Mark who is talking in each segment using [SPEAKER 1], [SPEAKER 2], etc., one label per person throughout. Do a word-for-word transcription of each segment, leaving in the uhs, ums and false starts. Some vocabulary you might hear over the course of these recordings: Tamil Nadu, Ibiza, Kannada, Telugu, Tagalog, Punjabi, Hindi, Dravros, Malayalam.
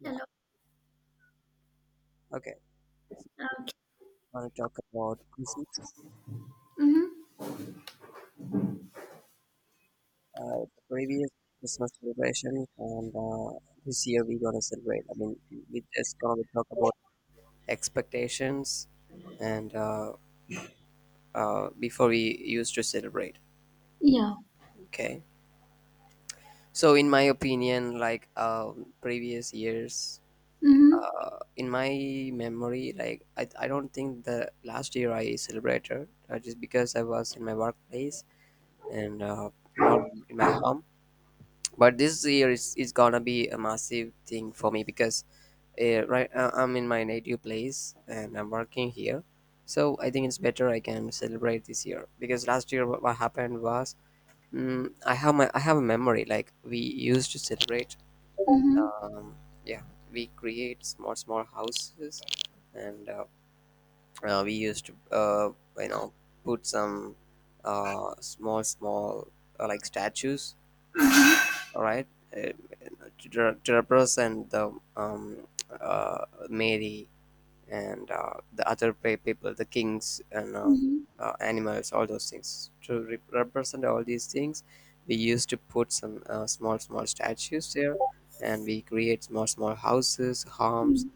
[SPEAKER 1] Yeah,
[SPEAKER 2] Hello.
[SPEAKER 1] okay. So
[SPEAKER 2] Okay.
[SPEAKER 1] I want to talk about Christmas,
[SPEAKER 2] Mm-hmm.
[SPEAKER 1] uh, the previous Christmas celebration, and uh, this year we're gonna celebrate. I mean, we just gonna talk about expectations, and uh, uh, before we used to celebrate.
[SPEAKER 2] Yeah.
[SPEAKER 1] Okay. So in my opinion, like um, previous years,
[SPEAKER 2] Mm-hmm.
[SPEAKER 1] uh, in my memory, like I, I don't think the last year I celebrated uh, just because I was in my workplace and uh, not in my home, but this year is, is gonna be a massive thing for me because uh, right uh, I'm in my native place and I'm working here, so I think it's better I can celebrate this year. Because last year, what, what happened was, mm, i have my I have a memory like we used to celebrate.
[SPEAKER 2] Mm-hmm.
[SPEAKER 1] um, yeah, we create small small houses, and uh, uh, we used to uh, you know put some uh, small small uh, like statues, all right, uh, Dra- Dravros and the um, uh, Mary, and uh, the other pe- people, the kings, and uh,
[SPEAKER 2] Mm-hmm.
[SPEAKER 1] uh, animals, all those things. To re- represent all these things, we used to put some uh, small, small statues there, and we create small, small houses, homes,
[SPEAKER 2] Mm-hmm.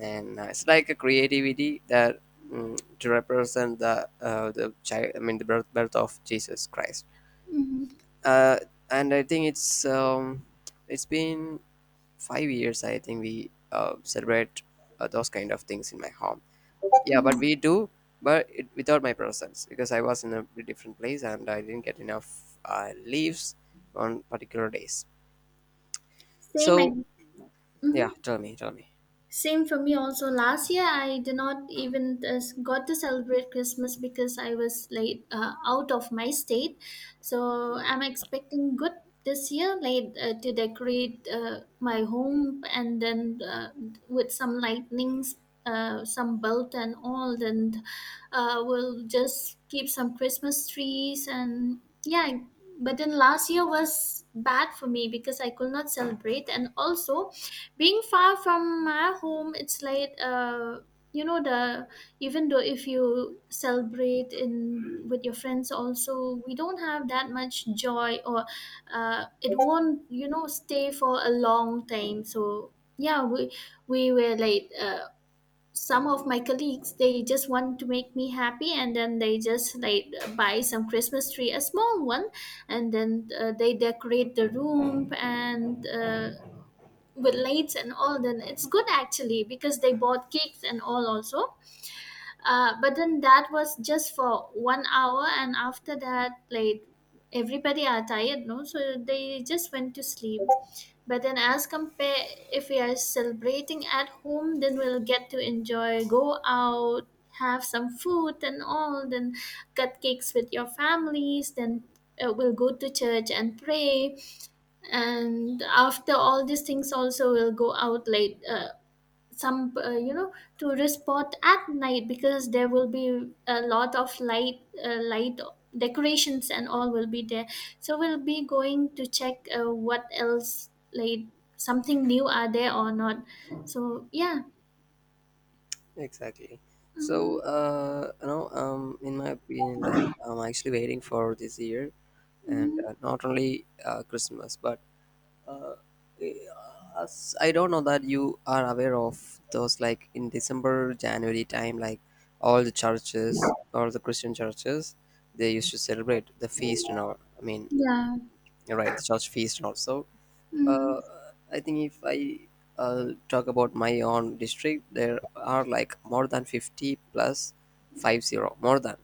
[SPEAKER 1] and uh, it's like a creativity that, mm, to represent the uh, the child. I mean, the birth birth of Jesus Christ.
[SPEAKER 2] Mm-hmm.
[SPEAKER 1] Uh, and I think it's um, it's been five years, I think, we uh, celebrate uh, those kind of things in my home. Yeah,
[SPEAKER 2] Mm-hmm.
[SPEAKER 1] but we do, but it, without my presence, because I was in a different place and I didn't get enough uh, leaves on particular days. So
[SPEAKER 2] Same.
[SPEAKER 1] yeah,
[SPEAKER 2] Mm-hmm.
[SPEAKER 1] tell me tell me
[SPEAKER 2] Same for me also. Last year, I did not even uh, got to celebrate Christmas because I was like uh, out of my state. So I'm expecting good this year, like uh, to decorate uh, my home, and then uh, with some lightnings, uh, some belt and all, and uh, we'll just keep some Christmas trees. And yeah. But then last year was bad for me because I could not celebrate, and also, being far from my home, it's like uh you know the even though if you celebrate in with your friends also, we don't have that much joy, or uh it won't you know stay for a long time. So yeah, we we were like uh some of my colleagues, they just want to make me happy, and then they just like buy some Christmas tree, a small one. And then uh, they decorate the room, and uh, with lights and all, then it's good actually, because they bought cakes and all also. Uh, but then that was just for one hour, and after that, like, everybody are tired no, so they just went to sleep. But then, as compare, if we are celebrating at home, then we'll get to enjoy, go out, have some food and all, then cut cakes with your families. Then uh, we'll go to church and pray, and after all these things also, we'll go out late uh, some uh, you know, tourist spot at night, because there will be a lot of light uh, light decorations and all will be there. So we'll be going to check uh, what else, like, something new are there or not. So yeah.
[SPEAKER 1] Exactly. So
[SPEAKER 2] Mm.
[SPEAKER 1] uh you know um in my opinion, like, I'm actually waiting for this year, and
[SPEAKER 2] Mm.
[SPEAKER 1] uh, not only uh, Christmas but uh, i- as I don't know that you are aware of those, like in December, January time, like all the churches, all the Christian churches, they used to celebrate the feast and all. I mean,
[SPEAKER 2] Yeah.
[SPEAKER 1] you're right, the church feast and also.
[SPEAKER 2] Mm.
[SPEAKER 1] Uh, I think if I uh, talk about my own district, there are like more than fifty plus, five zero, more than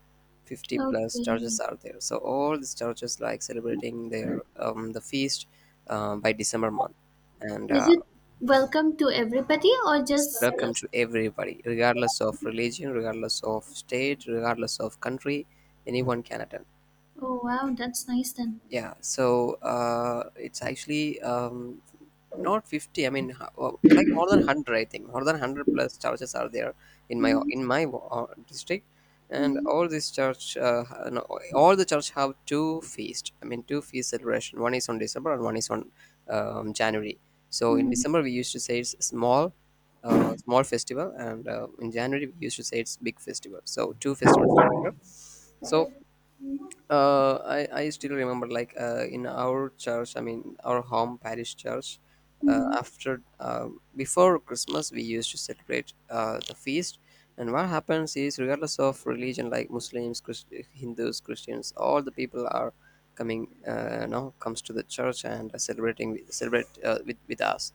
[SPEAKER 1] fifty plus
[SPEAKER 2] Okay,
[SPEAKER 1] churches are there. So all these churches like celebrating their um, the feast um, by December month, and
[SPEAKER 2] is
[SPEAKER 1] uh,
[SPEAKER 2] it welcome to everybody, or
[SPEAKER 1] it's
[SPEAKER 2] just uh,
[SPEAKER 1] welcome to everybody, regardless of religion, regardless of state, regardless of country. Anyone can attend.
[SPEAKER 2] oh wow, that's nice then.
[SPEAKER 1] Yeah, so uh, it's actually um, not fifty. I mean, h- oh, like more than one hundred, I think. More than one hundred plus churches are there in my
[SPEAKER 2] Mm-hmm.
[SPEAKER 1] in my uh, district, and
[SPEAKER 2] Mm-hmm.
[SPEAKER 1] all this church, uh, ha- no, all the church have two feast. I mean, two feast celebration. One is on December and one is on um, January. So in December we used to say it's small, uh, small festival, and uh, in January we used to say it's big festival. So two festivals are there. So uh, I, I still remember, like uh, in our church, I mean our home parish church, uh,
[SPEAKER 2] Mm-hmm.
[SPEAKER 1] after uh, before Christmas we used to celebrate uh, the feast. And what happens is, regardless of religion, like Muslims, Christ- hindus, Christians, all the people are coming uh, you know comes to the church and celebrating with- celebrate uh, with, with us.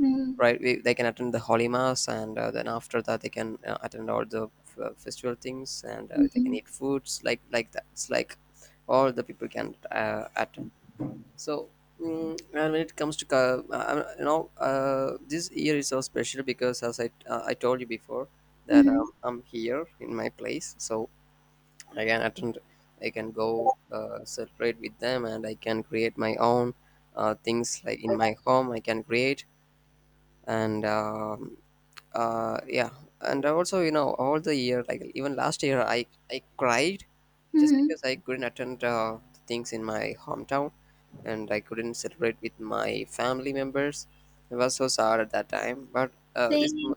[SPEAKER 2] Mm-hmm.
[SPEAKER 1] Right, we, they can attend the holy mass, and uh, then after that they can uh, attend all the uh, festival things, and uh, they can
[SPEAKER 2] Mm-hmm.
[SPEAKER 1] eat foods, like like that. It's like all the people can uh, attend. So, mm, and when it comes to ca- uh, you know uh, this year is so special, because as i uh, I told you before, that um, I'm here in my place, so I can attend. I can go uh, celebrate with them, and I can create my own uh, things, like in my home I can create. And um uh Yeah, and also, you know, all the year, like even last year, i i cried, just
[SPEAKER 2] Mm-hmm.
[SPEAKER 1] because I couldn't attend uh, the things in my hometown, and I couldn't celebrate with my family members. I was so sad at that time. But uh
[SPEAKER 2] Say.
[SPEAKER 1] this m-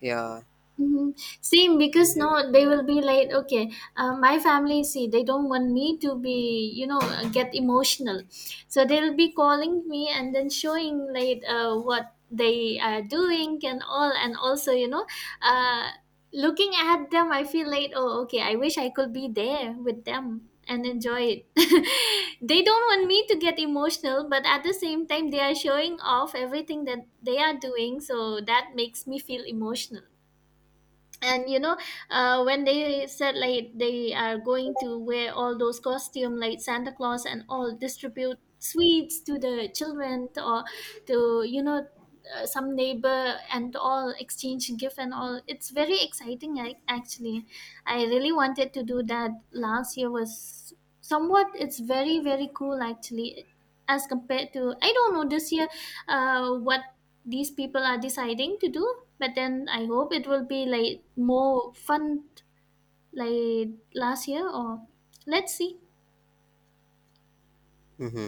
[SPEAKER 1] yeah.
[SPEAKER 2] Hmm. Same. Because no, they will be like, okay, uh, my family, see, they don't want me to be, you know, uh, get emotional. So they'll be calling me and then showing like uh, what they are doing and all. And also, you know, uh, looking at them, I feel like, oh, okay, I wish I could be there with them and enjoy it. They don't want me to get emotional, but at the same time, they are showing off everything that they are doing. So that makes me feel emotional. And you know uh, when they said like they are going to wear all those costume, like Santa Claus and all, distribute sweets to the children, or to, you know uh, some neighbor and all, exchange gift and all, it's very exciting. Ac- actually, I really wanted to do that. Last year was somewhat, it's very very cool actually, as compared to, I don't know, this year uh, what these people are deciding to do. But then I hope it will be like more fun, like last year. Or let's see.
[SPEAKER 1] Hmm,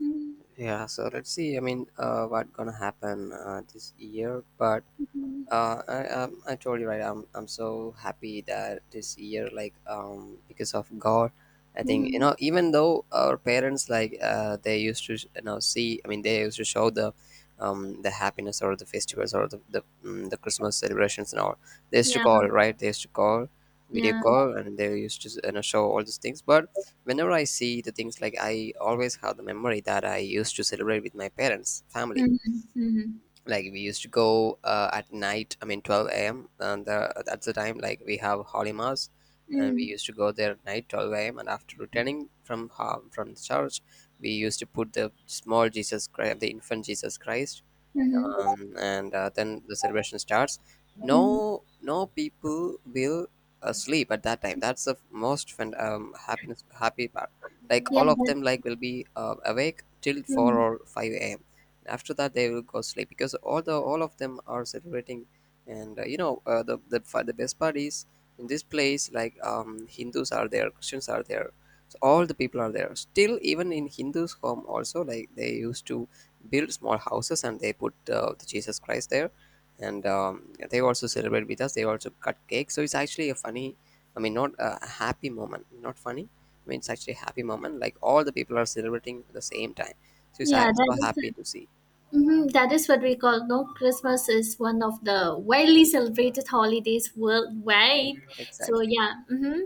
[SPEAKER 2] Mhm.
[SPEAKER 1] yeah, so let's see. I mean, uh what gonna happen uh, this year. But
[SPEAKER 2] Mhm.
[SPEAKER 1] uh, I, um, I told you right, I'm, I'm so happy that this year, like, um because of God, I think, you
[SPEAKER 2] Mhm.
[SPEAKER 1] know, even though our parents, like, uh, they used to, you know, see, I mean they used to show the um the happiness or the festivals or the the, mm, the Christmas celebrations and all. They used to
[SPEAKER 2] Yeah.
[SPEAKER 1] call, right, they used to call video
[SPEAKER 2] Yeah.
[SPEAKER 1] call, and they used to, you know, show all these things. But whenever I see the things, like, I always have the memory that I used to celebrate with my parents, family.
[SPEAKER 2] Mhm. Mhm.
[SPEAKER 1] Like we used to go uh, at night, I mean twelve a.m, and the, that's the time like we have holy mass, and we
[SPEAKER 2] Mhm.
[SPEAKER 1] used to go there at night twelve a.m, and after returning from ho- from the church, we used to put the small Jesus Christ, the infant Jesus Christ.
[SPEAKER 2] Mhm.
[SPEAKER 1] Um, and uh, Then the celebration starts.
[SPEAKER 2] Mhm.
[SPEAKER 1] No no People will uh, sleep at that time. That's the most fun, um, happiness happy part. Like
[SPEAKER 2] Yeah,
[SPEAKER 1] all of
[SPEAKER 2] that,
[SPEAKER 1] them like will be uh, awake till four
[SPEAKER 2] mhm.
[SPEAKER 1] or five a.m. After that they will go sleep, because all the all of them are celebrating. And uh, you know uh, the, the fa- the best part is, in this place, like, um, Hindus are there, Christians are there, so all the people are there. Still, even in Hindus home also, like, they used to build small houses and they put uh, the Jesus Christ there. And um, they also celebrate with us. They also cut cake. So it's actually a funny, I mean, not a happy moment, not funny. I mean, it's actually a happy moment. Like all the people are celebrating at the same time. So it's uh,
[SPEAKER 2] Yeah, that
[SPEAKER 1] so
[SPEAKER 2] is
[SPEAKER 1] happy
[SPEAKER 2] it.
[SPEAKER 1] to see.
[SPEAKER 2] Mhm. That is what we call no, Christmas is one of the widely celebrated holidays worldwide. So
[SPEAKER 1] Exactly.
[SPEAKER 2] yeah. Hmm.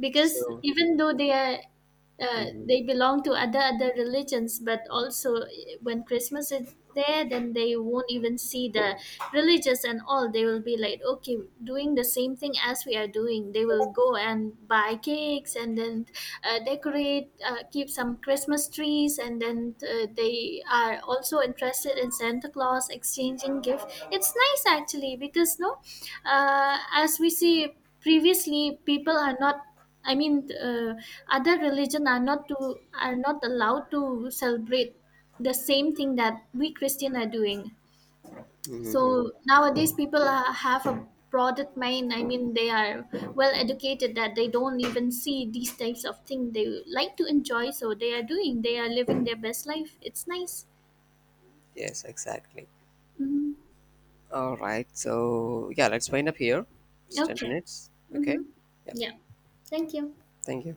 [SPEAKER 2] Because
[SPEAKER 1] So,
[SPEAKER 2] even though they are, uh,
[SPEAKER 1] mhm,
[SPEAKER 2] they belong to other other religions, but also, eh, when Christmas is there, then they won't even see the religious and all. They will be like, okay, doing the same thing as we are doing. They will go and buy cakes, and then uh, decorate, uh, keep some Christmas trees, and then uh, they are also interested in Santa Claus, exchanging gift. It's nice actually, because no, uh, as we see, previously people are not, I mean, uh, other religion are not to are not allowed to celebrate the same thing that we Christian are doing.
[SPEAKER 1] mhm.
[SPEAKER 2] So nowadays, people are, have a broader mind. I mean, they are well educated, that they don't even see these types of things. They like to enjoy, so they are doing. They are living their best life. It's nice.
[SPEAKER 1] yes, exactly.
[SPEAKER 2] Hmm.
[SPEAKER 1] All right. So, yeah, let's wind up here. It's ten
[SPEAKER 2] Okay.
[SPEAKER 1] minutes. Okay.
[SPEAKER 2] Mm-hmm.
[SPEAKER 1] Yeah.
[SPEAKER 2] Yeah. Thank you.
[SPEAKER 1] Thank you.